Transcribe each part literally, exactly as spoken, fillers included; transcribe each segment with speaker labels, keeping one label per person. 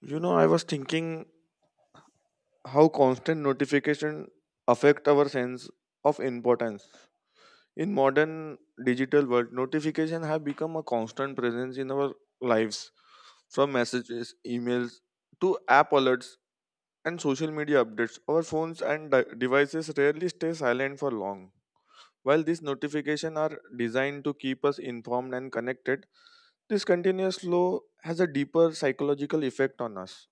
Speaker 1: You know, I was thinking how constant notification affect our sense of importance. In modern digital world, notification have become a constant presence in our lives, from messages, emails to app alerts and social media updates. Our phones and de- devices rarely stay silent for long. While these notifications are designed to keep us informed and connected, this continuous flow has a deeper psychological effect on us.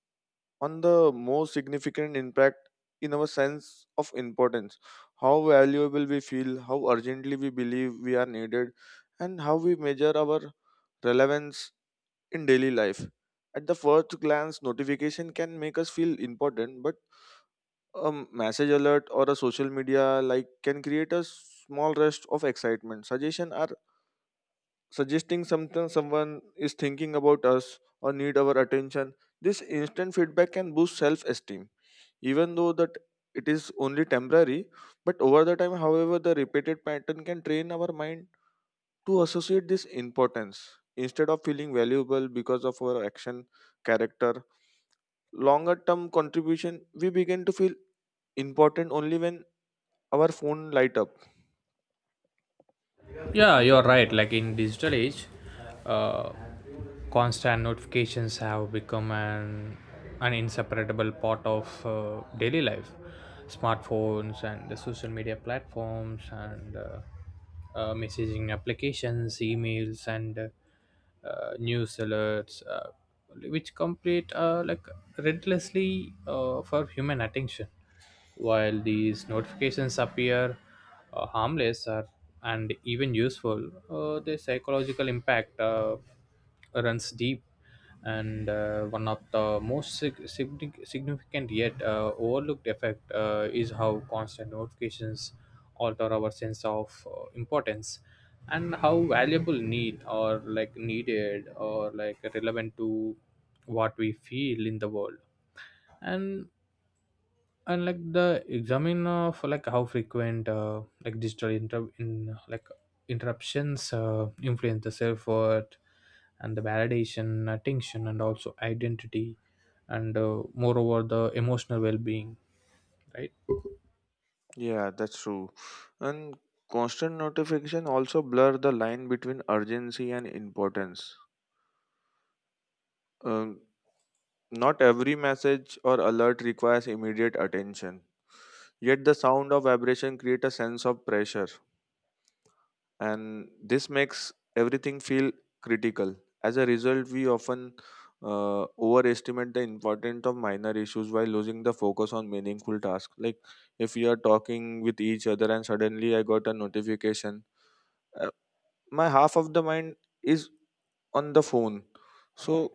Speaker 1: On the most significant impact in our sense of importance, how valuable we feel, how urgently we believe we are needed, and how we measure our relevance in daily life. At the first glance, notification can make us feel important, but a message alert or a social media like can create a small rest of excitement. Suggestion are suggesting something someone is thinking about us or need our attention. This instant feedback can boost self-esteem, even though that it is only temporary. But over the time, however, the repeated pattern can train our mind to associate this importance. Instead of feeling valuable because of our action, character, longer term contribution, we begin to feel important only when our phone light up.
Speaker 2: Yeah, you're right, like in digital age, uh, constant notifications have become an an inseparable part of uh, daily life. Smartphones and the social media platforms and uh, uh, messaging applications, emails, and uh, uh, news alerts, uh, which complete uh, like relentlessly uh, for human attention. While these notifications appear uh, harmless or, and even useful, uh, the psychological impact Uh, runs deep. And uh, one of the most sig- signific- significant yet uh, overlooked effect uh, is how constant notifications alter our sense of uh, importance, and how valuable, need, or like needed, or like relevant to what we feel in the world. And and like the examine of like how frequent uh, like digital inter- in like interruptions uh, influence the self worth, and the validation, attention, and also identity, and uh, moreover the emotional well-being, right?
Speaker 1: Yeah, that's true. And constant notification also blur the line between urgency and importance. um, Not every message or alert requires immediate attention. Yet the sound of vibration create a sense of pressure, and this makes everything feel critical. As a result, we often uh, overestimate the importance of minor issues while losing the focus on meaningful tasks. Like if we are talking with each other and suddenly I got a notification, uh, my half of the mind is on the phone, so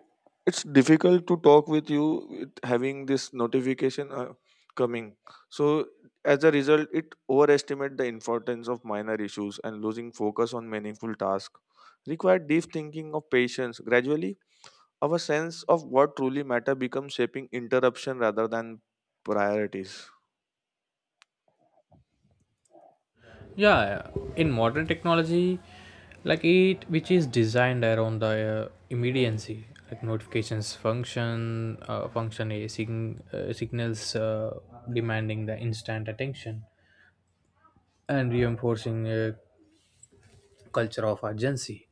Speaker 1: it's difficult to talk with you with having this notification uh, coming. So as a result, it overestimate the importance of minor issues and losing focus on meaningful tasks, require deep thinking of patience. Gradually, our sense of what truly matter becomes shaping interruption rather than priorities.
Speaker 2: Yeah, in modern technology, like it, which is designed around the uh, immediacy, like notifications function uh, function a sign, uh, signals uh, demanding the instant attention and reinforcing a culture of urgency.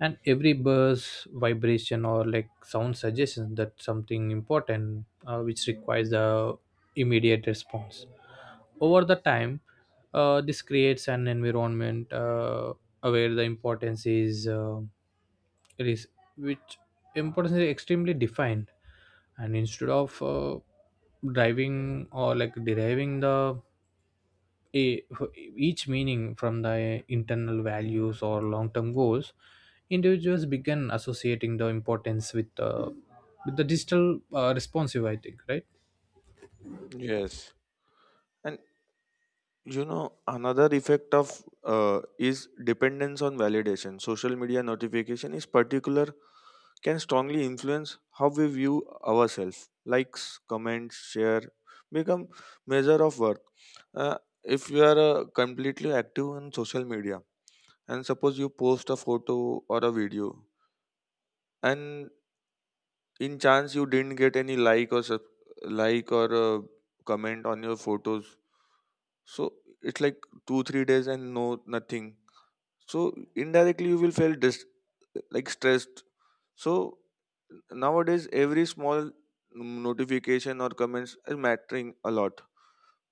Speaker 2: And every buzz, vibration, or like sound suggestion that something important, uh, which requires the immediate response. Over the time, uh, this creates an environment uh, where the importance is, uh, it is, which, importance is extremely defined, and instead of uh, driving or like deriving the a, each meaning from the internal values or long-term goals, individuals began associating the importance with the with the digital uh, responsive, I think, right?
Speaker 1: Yes. And you know, another effect of uh, is dependence on validation. Social media notification is particular, can strongly influence how we view ourselves. Likes, comments, share become measure of worth. uh, if you are uh, completely active on social media and suppose you post a photo or a video, and in chance you didn't get any like or sub- like or uh, comment on your photos, so it's like two three days and no nothing, so indirectly you will feel dis- like stressed. So nowadays every small notification or comments is mattering a lot.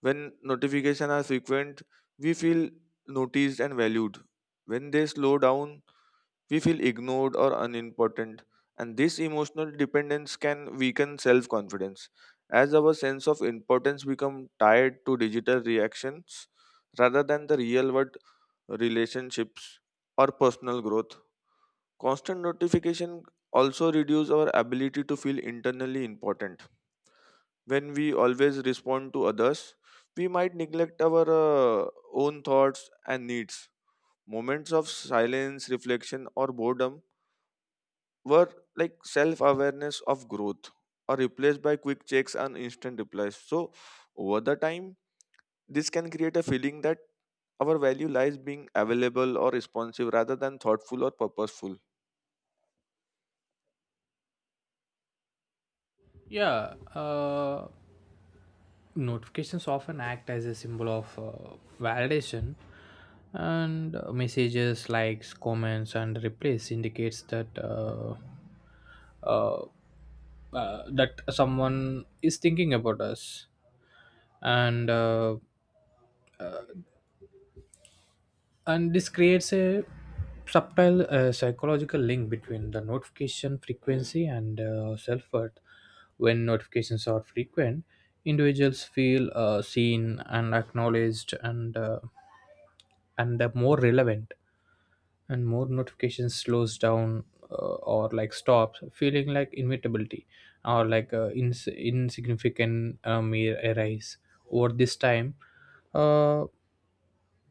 Speaker 1: When notifications are frequent, we feel noticed and valued. When they slow down, we feel ignored or unimportant, and this emotional dependence can weaken self confidence. As our sense of importance becomes tied to digital reactions rather than the real world relationships or personal growth, constant notification also reduce our ability to feel internally important. When we always respond to others, we might neglect our uh, own thoughts and needs. Moments of silence, reflection, or boredom were like self awareness of growth are replaced by quick checks and instant replies. So, over the time, this can create a feeling that our value lies being available or responsive rather than thoughtful or purposeful.
Speaker 2: Yeah, uh, notifications often act as a symbol of uh, validation. And uh, messages, likes, comments, and replies indicates that uh, uh, uh, that someone is thinking about us. And uh, and this creates a subtle uh, psychological link between the notification frequency and uh, self-worth. When notifications are frequent, individuals feel uh, seen and acknowledged, and uh, and they're more relevant. And more notifications slows down, uh, or like stops feeling like inevitability, or like uh, ins- insignificant uh, mere arise. Over this time, uh,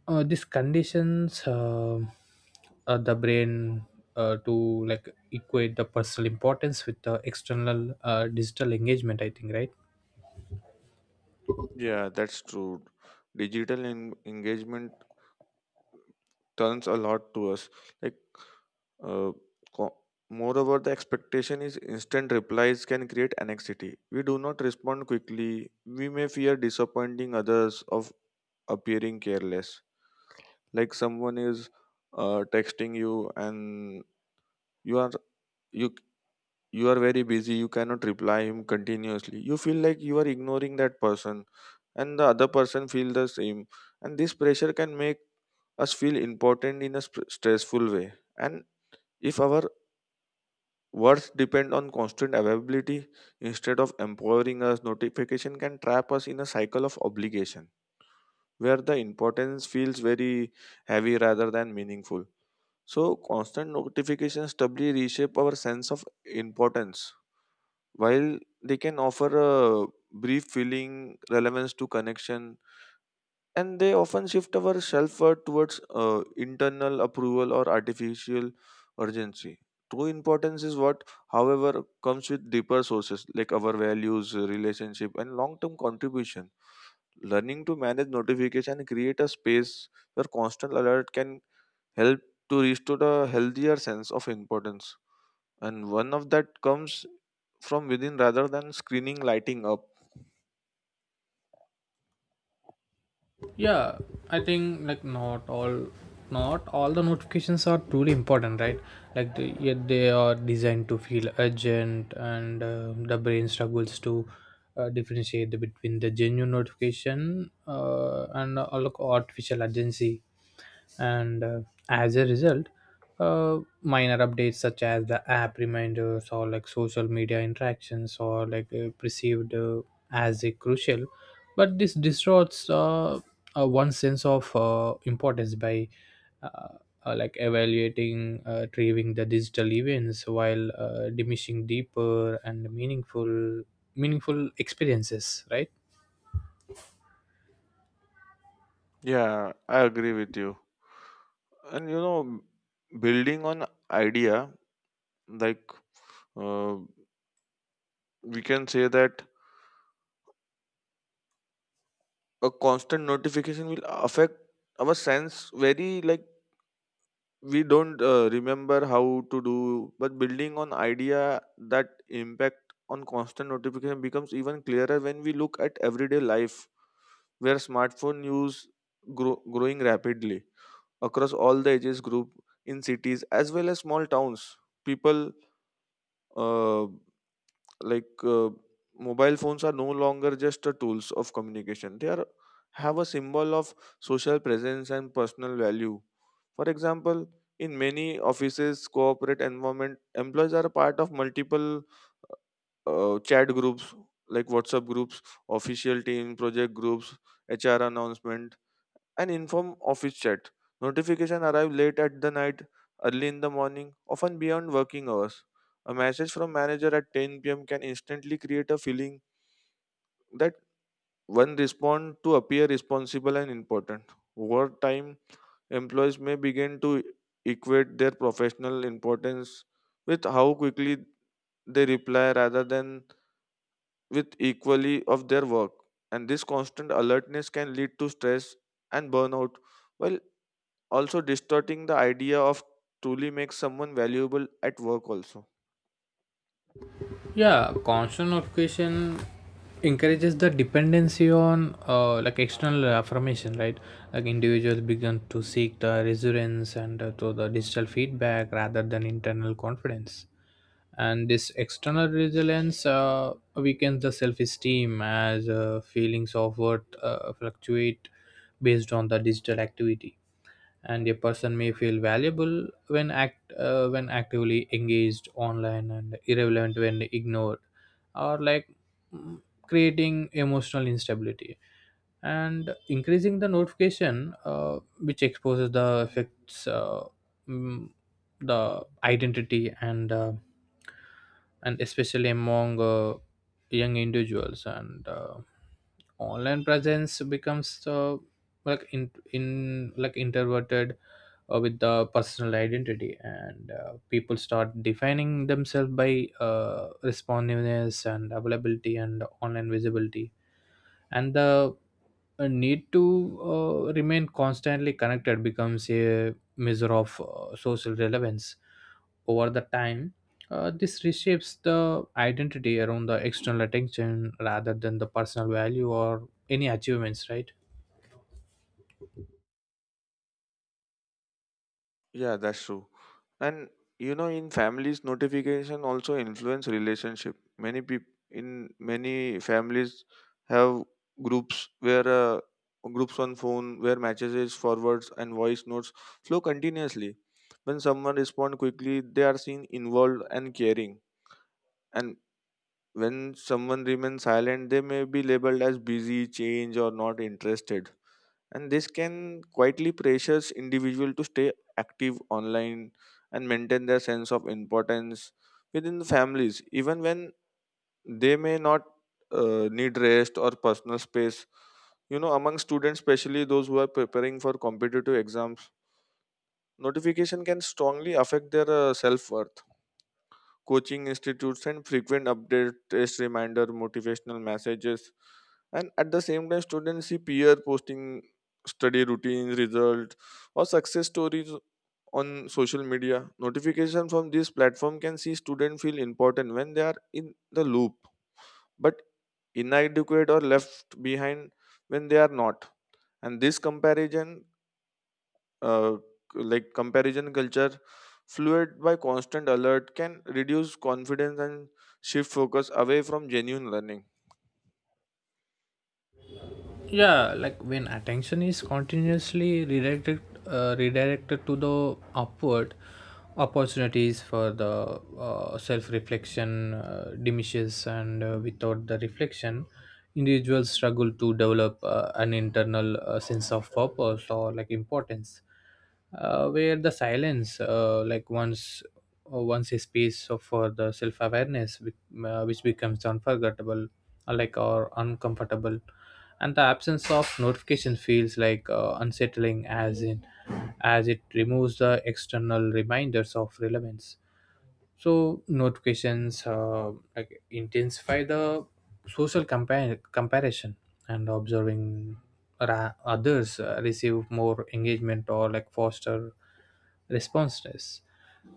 Speaker 2: uh, this conditions uh, uh, the brain uh, to like equate the personal importance with the external uh, digital engagement, I think, right?
Speaker 1: Yeah, that's true. Digital en- engagement turns a lot to us. Like, uh, co- moreover the expectation is instant replies can create anxiety. We do not respond quickly, we may fear disappointing others of appearing careless. Like someone is uh, texting you and you are you you are very busy, you cannot reply him continuously, you feel like you are ignoring that person, and the other person feel the same. And this pressure can make us feel important in a sp- stressful way. And if our worth depend on constant availability, instead of empowering us, notification can trap us in a cycle of obligation where the importance feels very heavy rather than meaningful. So constant notifications doubly reshape our sense of importance. While they can offer a brief feeling relevance to connection, and they often shift our self-worth towards uh, internal approval or artificial urgency, true importance is what, however, comes with deeper sources like our values, relationship and long-term contribution. Learning to manage notification and create a space where constant alert can help to restore a healthier sense of importance, and one of that comes from within rather than screening lighting up.
Speaker 2: Yeah, I think like not all, not all the notifications are truly important, right? Like the, yet they are designed to feel urgent, and uh, the brain struggles to uh, differentiate the, between the genuine notification uh, and uh, like artificial urgency. And uh, as a result, uh, minor updates such as the app reminders, or like social media interactions, or like uh, perceived uh, as a crucial, but this distorts uh, uh, one sense of uh, importance by uh, uh, like evaluating uh, retrieving the digital events while uh, diminishing deeper and meaningful meaningful experiences, right?
Speaker 1: Yeah, I agree with you. And you know, building on idea, like uh, we can say that a constant notification will affect our sense very like, we don't uh, remember how to do. But building on idea that impact on constant notification becomes even clearer when we look at everyday life where smartphone use grow, growing rapidly across all the ages group, in cities as well as small towns. People, uh, like uh, mobile phones are no longer just a tools of communication. They are have a symbol of social presence and personal value. For example, in many offices corporate environment, employees are a part of multiple uh, chat groups, like WhatsApp groups, official team project groups, HR announcement, and inform office chat. Notification arrive late at the night, early in the morning, often beyond working hours. A message from manager at ten p m can instantly create a feeling that one respond to appear responsible and important. Over time, employees may begin to equate their professional importance with how quickly they reply rather than with equally of their work. And this constant alertness can lead to stress and burnout, while also distorting the idea of truly makes someone valuable at work also.
Speaker 2: Yeah, constant notification encourages the dependency on uh, like external affirmation, right? Like individuals begin to seek the reassurance and uh, to the digital feedback rather than internal confidence. And this external resilience uh, weakens the self-esteem as uh, feelings of worth uh, fluctuate based on the digital activity. And a person may feel valuable when act uh, when actively engaged online, and irrelevant when ignored, or like mm, creating emotional instability. And increasing the notification uh, which exposes the effects, uh, mm, the identity, and uh, and especially among uh, young individuals. And uh, online presence becomes uh, like in in like introverted uh, with the personal identity. And uh, people start defining themselves by uh, responsiveness and availability and online visibility. And the uh, need to uh, remain constantly connected becomes a measure of uh, social relevance. Over the time, uh, this reshapes the identity around the external attention rather than the personal value or any achievements, right?
Speaker 1: Yeah, that's true. And you know, in families, notification also influence relationship. Many people in many families have groups where, uh, groups on phone where messages forwards and voice notes flow continuously. When someone responds quickly, they are seen involved and caring. And when someone remains silent, they may be labeled as busy change or not interested. And this can quietly pressures individual to stay active online and maintain their sense of importance within the families, even when they may not uh, need rest or personal space. You know, among students, especially those who are preparing for competitive exams, notification can strongly affect their uh, self worth. Coaching institutes and frequent update test reminder, motivational messages, and at the same time students see peer posting study routines result or success stories on social media. Notification from this platform can see students feel important when they are in the loop, but inadequate or left behind when they are not. And this comparison, uh, like comparison culture, fluid by constant alert, can reduce confidence and shift focus away from genuine learning.
Speaker 2: Yeah, like when attention is continuously redirected, uh, redirected to the upward opportunities for the uh, self reflection uh, diminishes. And uh, without the reflection, individuals struggle to develop uh, an internal uh, sense of purpose or like importance, uh, where the silence, uh, like once, uh, once a space of- for the self-awareness which, uh, which becomes unforgettable, uh, like or uncomfortable. And the absence of notification feels like uh, unsettling, as in, as it removes the external reminders of relevance. So notifications, uh, like intensify the social compa- comparison. And observing ra- others uh, receive more engagement or like foster responsiveness,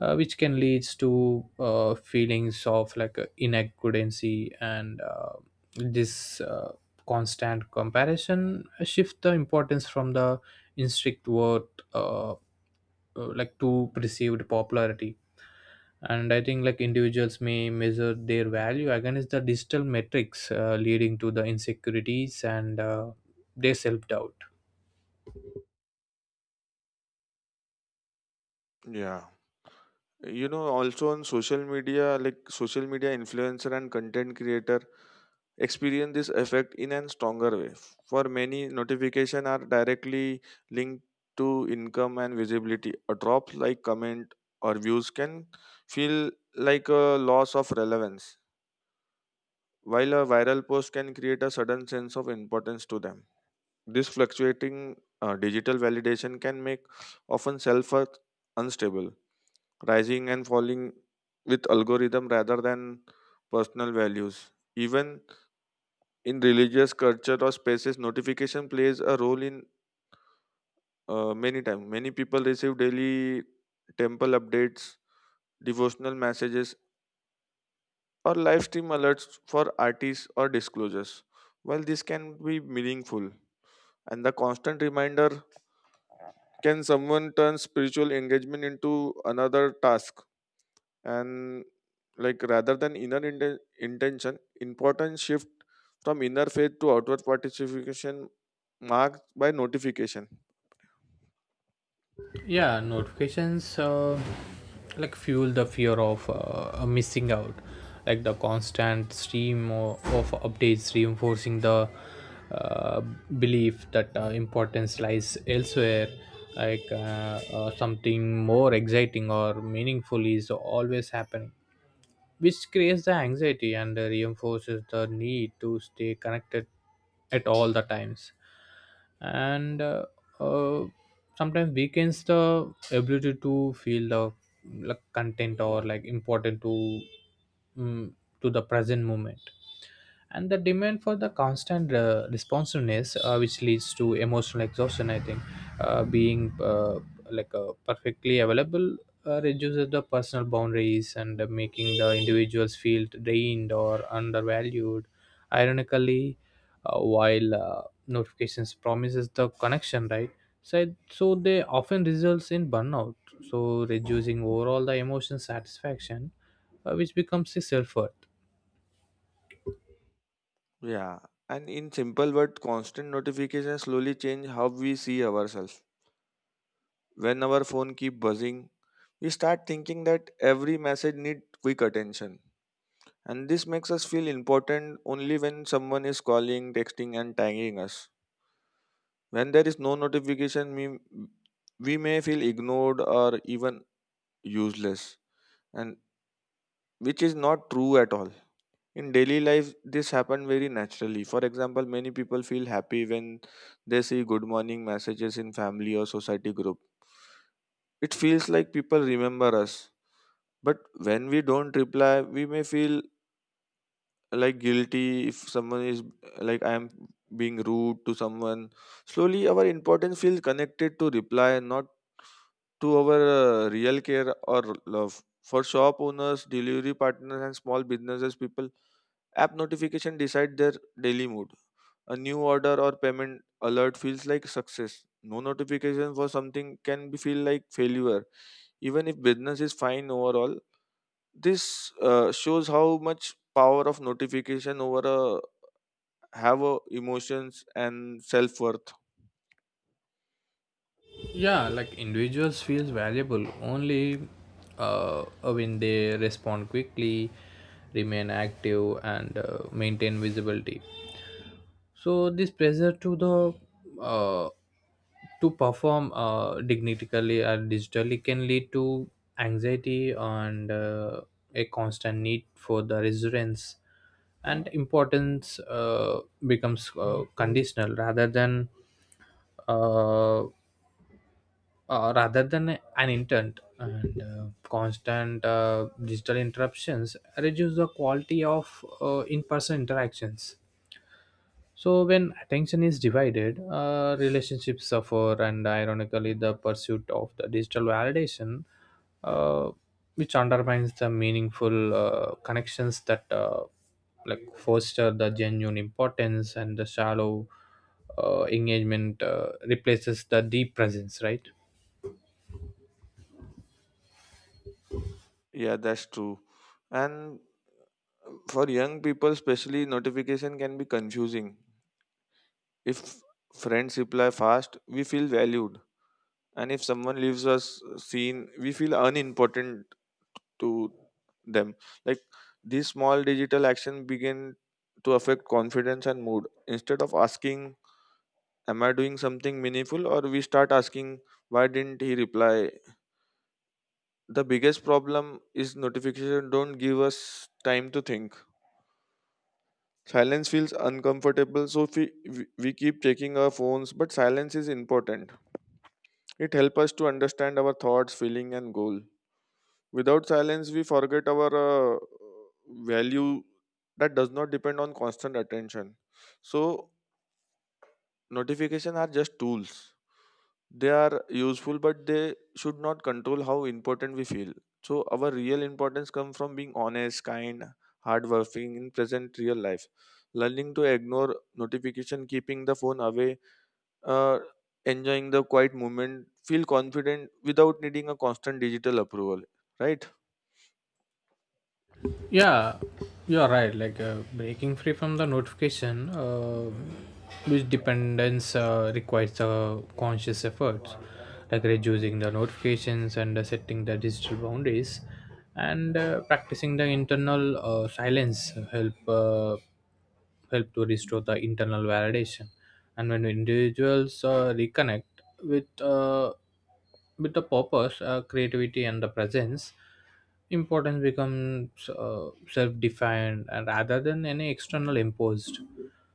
Speaker 2: uh, which can leads to uh, feelings of like uh, inadequacy. And uh, this uh, constant comparison shift the importance from the instinct worth uh, uh, like to perceived popularity. And I think like individuals may measure their value against the digital metrics, uh, leading to the insecurities and uh, their self-doubt.
Speaker 1: Yeah. You know, also on social media, like social media influencer and content creator experience this effect in a stronger way. For many, notification are directly linked to income and visibility. A drop like comment or views can feel like a loss of relevance, while a viral post can create a sudden sense of importance to them. This fluctuating uh, digital validation can make often self worth unstable, rising and falling with algorithm rather than personal values. Even in religious culture or spaces, notification plays a role in uh, many times. Many people receive daily temple updates, devotional messages, or live stream alerts for artists or disclosures. While this can be meaningful, and the constant reminder can someone turn spiritual engagement into another task? And like rather than inner inten- intention, important shift from inner faith to outward participation, marked by notification.
Speaker 2: Yeah, notifications uh, like fuel the fear of uh, missing out, like the constant stream o- of updates reinforcing the uh, belief that uh, importance lies elsewhere, like uh, uh, something more exciting or meaningful is always happening, which creates the anxiety and reinforces the need to stay connected at all the times. And uh, uh, sometimes weakens the ability to feel the like content, or like important to mm, to the present moment. And the demand for the constant uh, responsiveness uh, which leads to emotional exhaustion, I think. Uh, being uh, like uh, perfectly available uh, reduces the personal boundaries, and uh, making the individuals feel drained or undervalued. Ironically, uh, while uh, notifications promises the connection, right? So, so they often results in burnout, so reducing overall the emotion satisfaction, uh, which becomes a self-worth.
Speaker 1: Yeah. And in simple words, constant notifications slowly change how we see ourselves. When our phone keep buzzing, we start thinking that every message need quick attention. And this makes us feel important only when someone is calling, texting, and tagging us. When there is no notification, we, we may feel ignored or even useless, and which is not true at all. In daily life, this happens very naturally. For example, many people feel happy when they see good morning messages in family or society group. It feels like people remember us. But when we don't reply, we may feel like guilty. If someone is like, I am being rude to someone, slowly our importance feels connected to reply, not to our uh, real care or love. For shop owners, delivery partners and small businesses people, app notification decide their daily mood. A new order or payment alert feels like success. No notification for something can be feel like failure, even if business is fine overall. This uh, shows how much power of notification over a have a emotions and self-worth.
Speaker 2: Yeah, like individuals feels valuable only uh, when they respond quickly, remain active, and uh, maintain visibility. So this pressure to the uh, to perform uh, dignitically and digitally can lead to anxiety, and uh, a constant need for the resonance. And importance uh, becomes uh, conditional rather than uh, uh, rather than an intent. And uh, constant uh, digital interruptions reduce the quality of uh, in-person interactions. So when attention is divided, uh, relationships suffer, and ironically, the pursuit of the digital validation, uh, which undermines the meaningful uh, connections that uh, like foster the genuine importance, and the shallow uh, engagement uh, replaces the deep presence, right?
Speaker 1: Yeah, that's true. And for young people especially, notification can be confusing. If friends reply fast, we feel valued, and if someone leaves us seen, we feel unimportant to them. Like these small digital action begin to affect confidence and mood. Instead of asking, am I doing something meaningful, or we start asking, why didn't he reply? The biggest problem is notification don't give us time to think. Silence feels uncomfortable, so we, we we keep checking our phones, but silence is important. It helps us to understand our thoughts, feeling and goal. Without silence, we forget our uh, value that does not depend on constant attention. So notification are just tools. They are useful but they should not control how important we feel, so our real importance comes from being honest, kind, hardworking in present real life, learning to ignore notification, keeping the phone away, uh, enjoying the quiet moment, feel confident without needing a constant digital approval, right.
Speaker 2: Yeah, you are right, like uh, breaking free from the notification uh, which dependence uh, requires uh, conscious efforts, like reducing the notifications, and uh, setting the digital boundaries, and uh, practicing the internal uh, silence help, uh, help to restore the internal validation. And when individuals uh, reconnect with uh, with the purpose, uh, creativity and the presence, importance becomes uh, self-defined, and rather than any external imposed.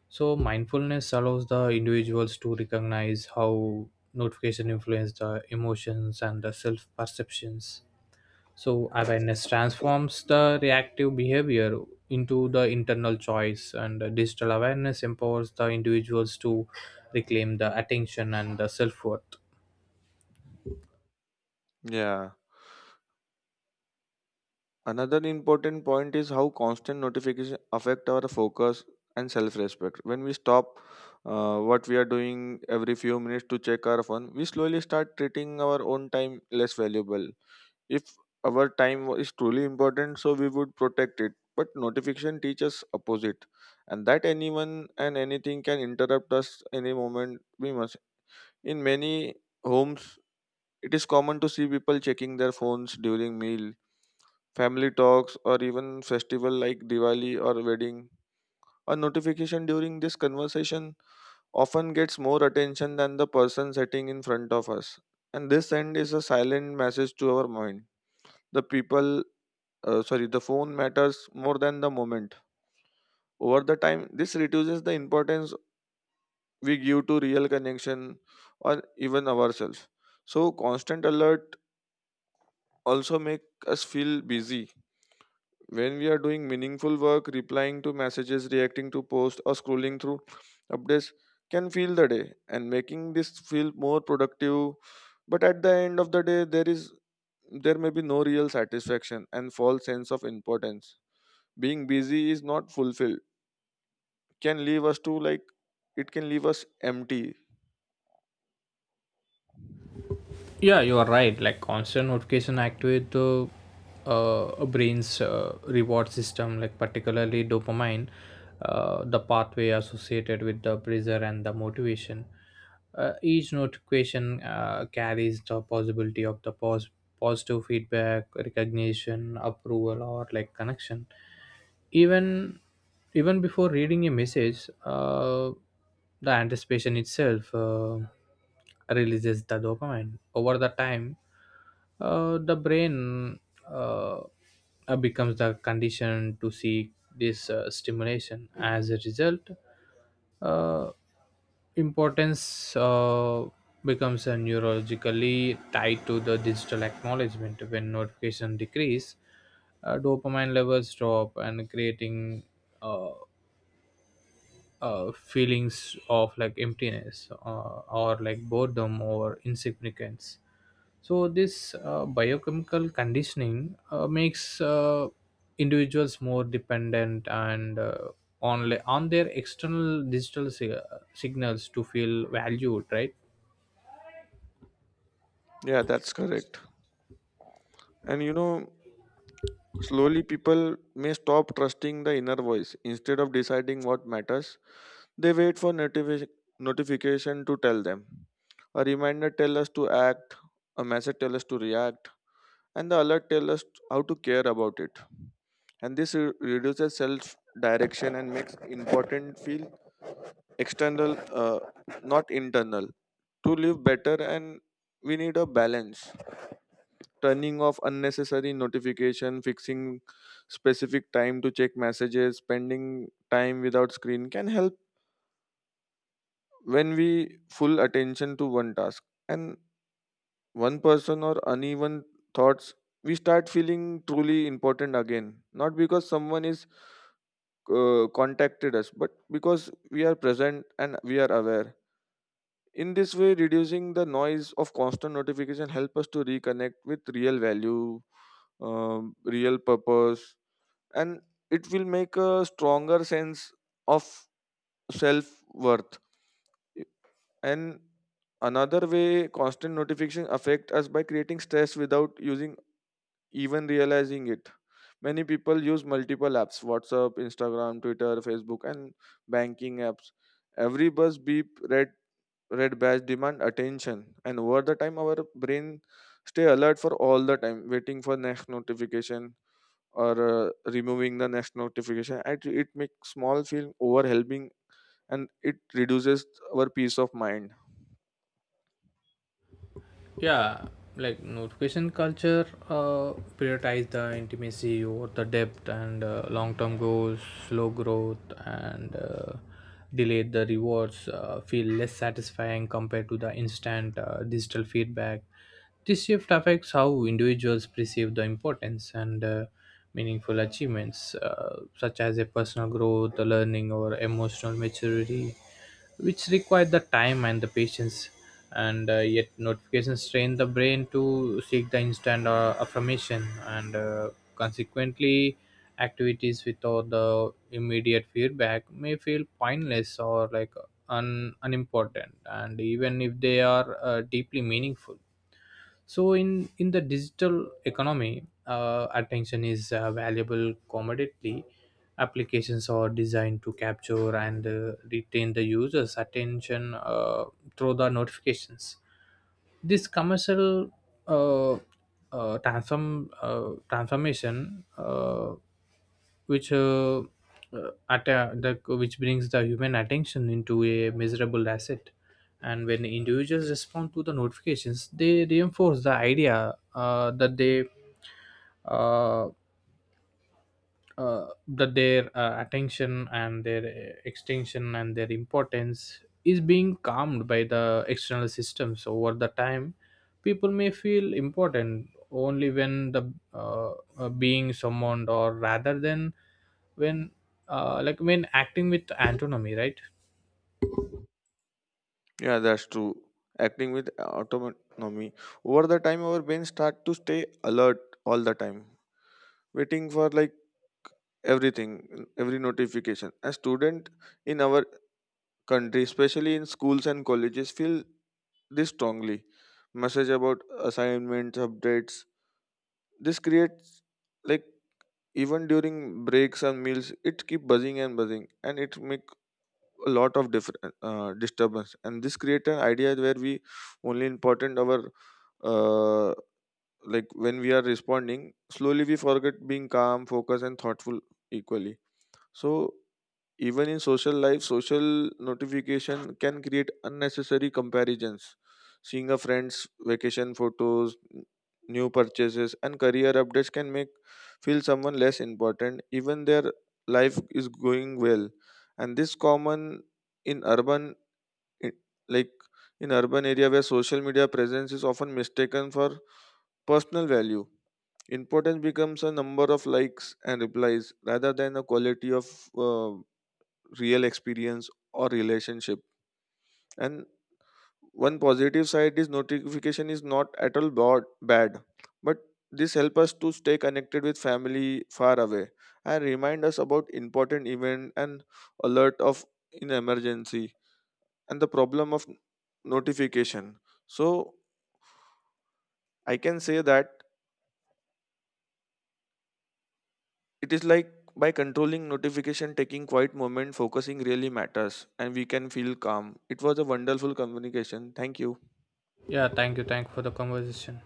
Speaker 2: So mindfulness allows the individuals to recognize how notification influence the emotions and the self-perceptions. So awareness transforms the reactive behavior into the internal choice, and the digital awareness empowers the individuals to reclaim the attention and the self worth.
Speaker 1: Yeah, another important point is how constant notification affect our focus and self-respect. When we stop uh, what we are doing every few minutes to check our phone, we slowly start treating our own time less valuable. If our time is truly important, so we would protect it. But notification teaches opposite, and that anyone and anything can interrupt us any moment we must. In many homes, it is common to see people checking their phones during meal, family talks, or even festival like Diwali or wedding. A notification during this conversation often gets more attention than the person sitting in front of us. And this end is a silent message to our mind. The people, uh, sorry, the phone matters more than the moment. Over the time, this reduces the importance we give to real connection or even ourselves. So constant alert also make us feel busy. When we are doing meaningful work, replying to messages, reacting to posts, or scrolling through updates can fill the day and making this feel more productive. But at the end of the day, there is there may be no real satisfaction and false sense of importance. Being busy is not fulfilled. Can leave us to like It can leave us empty.
Speaker 2: Yeah, you are right, like constant notification activate the uh, brain's uh, reward system, like particularly dopamine, uh, the pathway associated with the pleasure and the motivation. Uh, each notification uh, carries the possibility of the pos- positive feedback, recognition, approval, or like connection. Even, even before reading a message, uh, the anticipation itself uh, releases the dopamine. Over the time, uh, the brain uh, uh, becomes the condition to seek this uh, stimulation. As a result, uh, importance uh, becomes uh, neurologically tied to the digital acknowledgement. When notification decrease, uh, dopamine levels drop, and creating uh, uh, feelings of like emptiness, uh, or like boredom or insignificance. So this uh, biochemical conditioning uh, makes uh, individuals more dependent, and uh, on on their external digital si- signals to feel valued, right?
Speaker 1: Yeah, that's correct. And you know, slowly people may stop trusting the inner voice instead of deciding what matters. They wait for notifi- notification to tell them. A reminder tell us to act, a message tell us to react, and the alert tell us how to care about it. And this re- reduces self direction and makes important feel external, uh, not internal. To live better, and we need a balance. Turning off unnecessary notification, fixing specific time to check messages, spending time without screen can help when we full attention to one task and one person or uneven thoughts, we start feeling truly important again, not because someone is uh, contacted us but because we are present and we are aware. In this way, reducing the noise of constant notification help us to reconnect with real value, um, real purpose, and it will make a stronger sense of self worth. And another way constant notification affect us by creating stress without using, even realizing it. Many people use multiple apps, WhatsApp, Instagram, Twitter, Facebook, and banking apps. Every buzz, beep, red red badge demand attention. And over the time our brain stay alert for all the time, waiting for next notification or uh, removing the next notification. It, it makes small feel overwhelming and it reduces our peace of mind.
Speaker 2: Yeah, like notification culture uh, prioritize the intimacy over the depth, and uh, long-term goals, slow growth, and uh, delayed the rewards uh, feel less satisfying compared to the instant uh, digital feedback. This shift affects how individuals perceive the importance, and uh, meaningful achievements uh, such as a personal growth, learning, or emotional maturity, which require the time and the patience. And uh, yet notifications train the brain to seek the instant uh, affirmation, and uh, consequently activities without the immediate feedback may feel pointless or like un- unimportant, and even if they are uh, deeply meaningful. So in in the digital economy, uh, attention is a valuable commodity. Applications are designed to capture and uh, retain the user's attention uh, through the notifications. This commercial uh, uh, transform uh, transformation, uh, which uh, uh, at the, which brings the human attention into a measurable asset. And when individuals respond to the notifications, they reinforce the idea uh, that they uh, uh, that their uh, attention and their uh, extension and their importance is being calmed by the external systems. Over the time, people may feel important only when the uh, uh, being summoned, or rather than when, uh, like when acting with autonomy, right?
Speaker 1: Yeah, that's true. Acting with autonomy. Over the time, our brains start to stay alert all the time, waiting for like everything, every notification. As student in our country, especially in schools and colleges, feel this strongly. Message about assignments, updates. This creates like, even during breaks and meals, it keep buzzing and buzzing, and it make a lot of different uh, disturbance, and this create an idea where we only important our uh, like when we are responding slowly, we forget being calm, focused and thoughtful equally. So even in social life, social notification can create unnecessary comparisons. Seeing a friend's vacation photos, new purchases, and career updates can make feel someone less important, even their life is going well. And this common in urban, i- like in urban area where social media presence is often mistaken for personal value. Importance becomes a number of likes and replies rather than a quality of uh, real experience or relationship. And one positive side is notification is not at all bad, bad, but this help us to stay connected with family far away and remind us about important event and alert of in emergency and the problem of notification. So I can say that it is like by controlling notification, taking quiet moment, focusing really matters, and we can feel calm. It was a wonderful communication, thank you.
Speaker 2: Yeah, thank you, thank you for the conversation.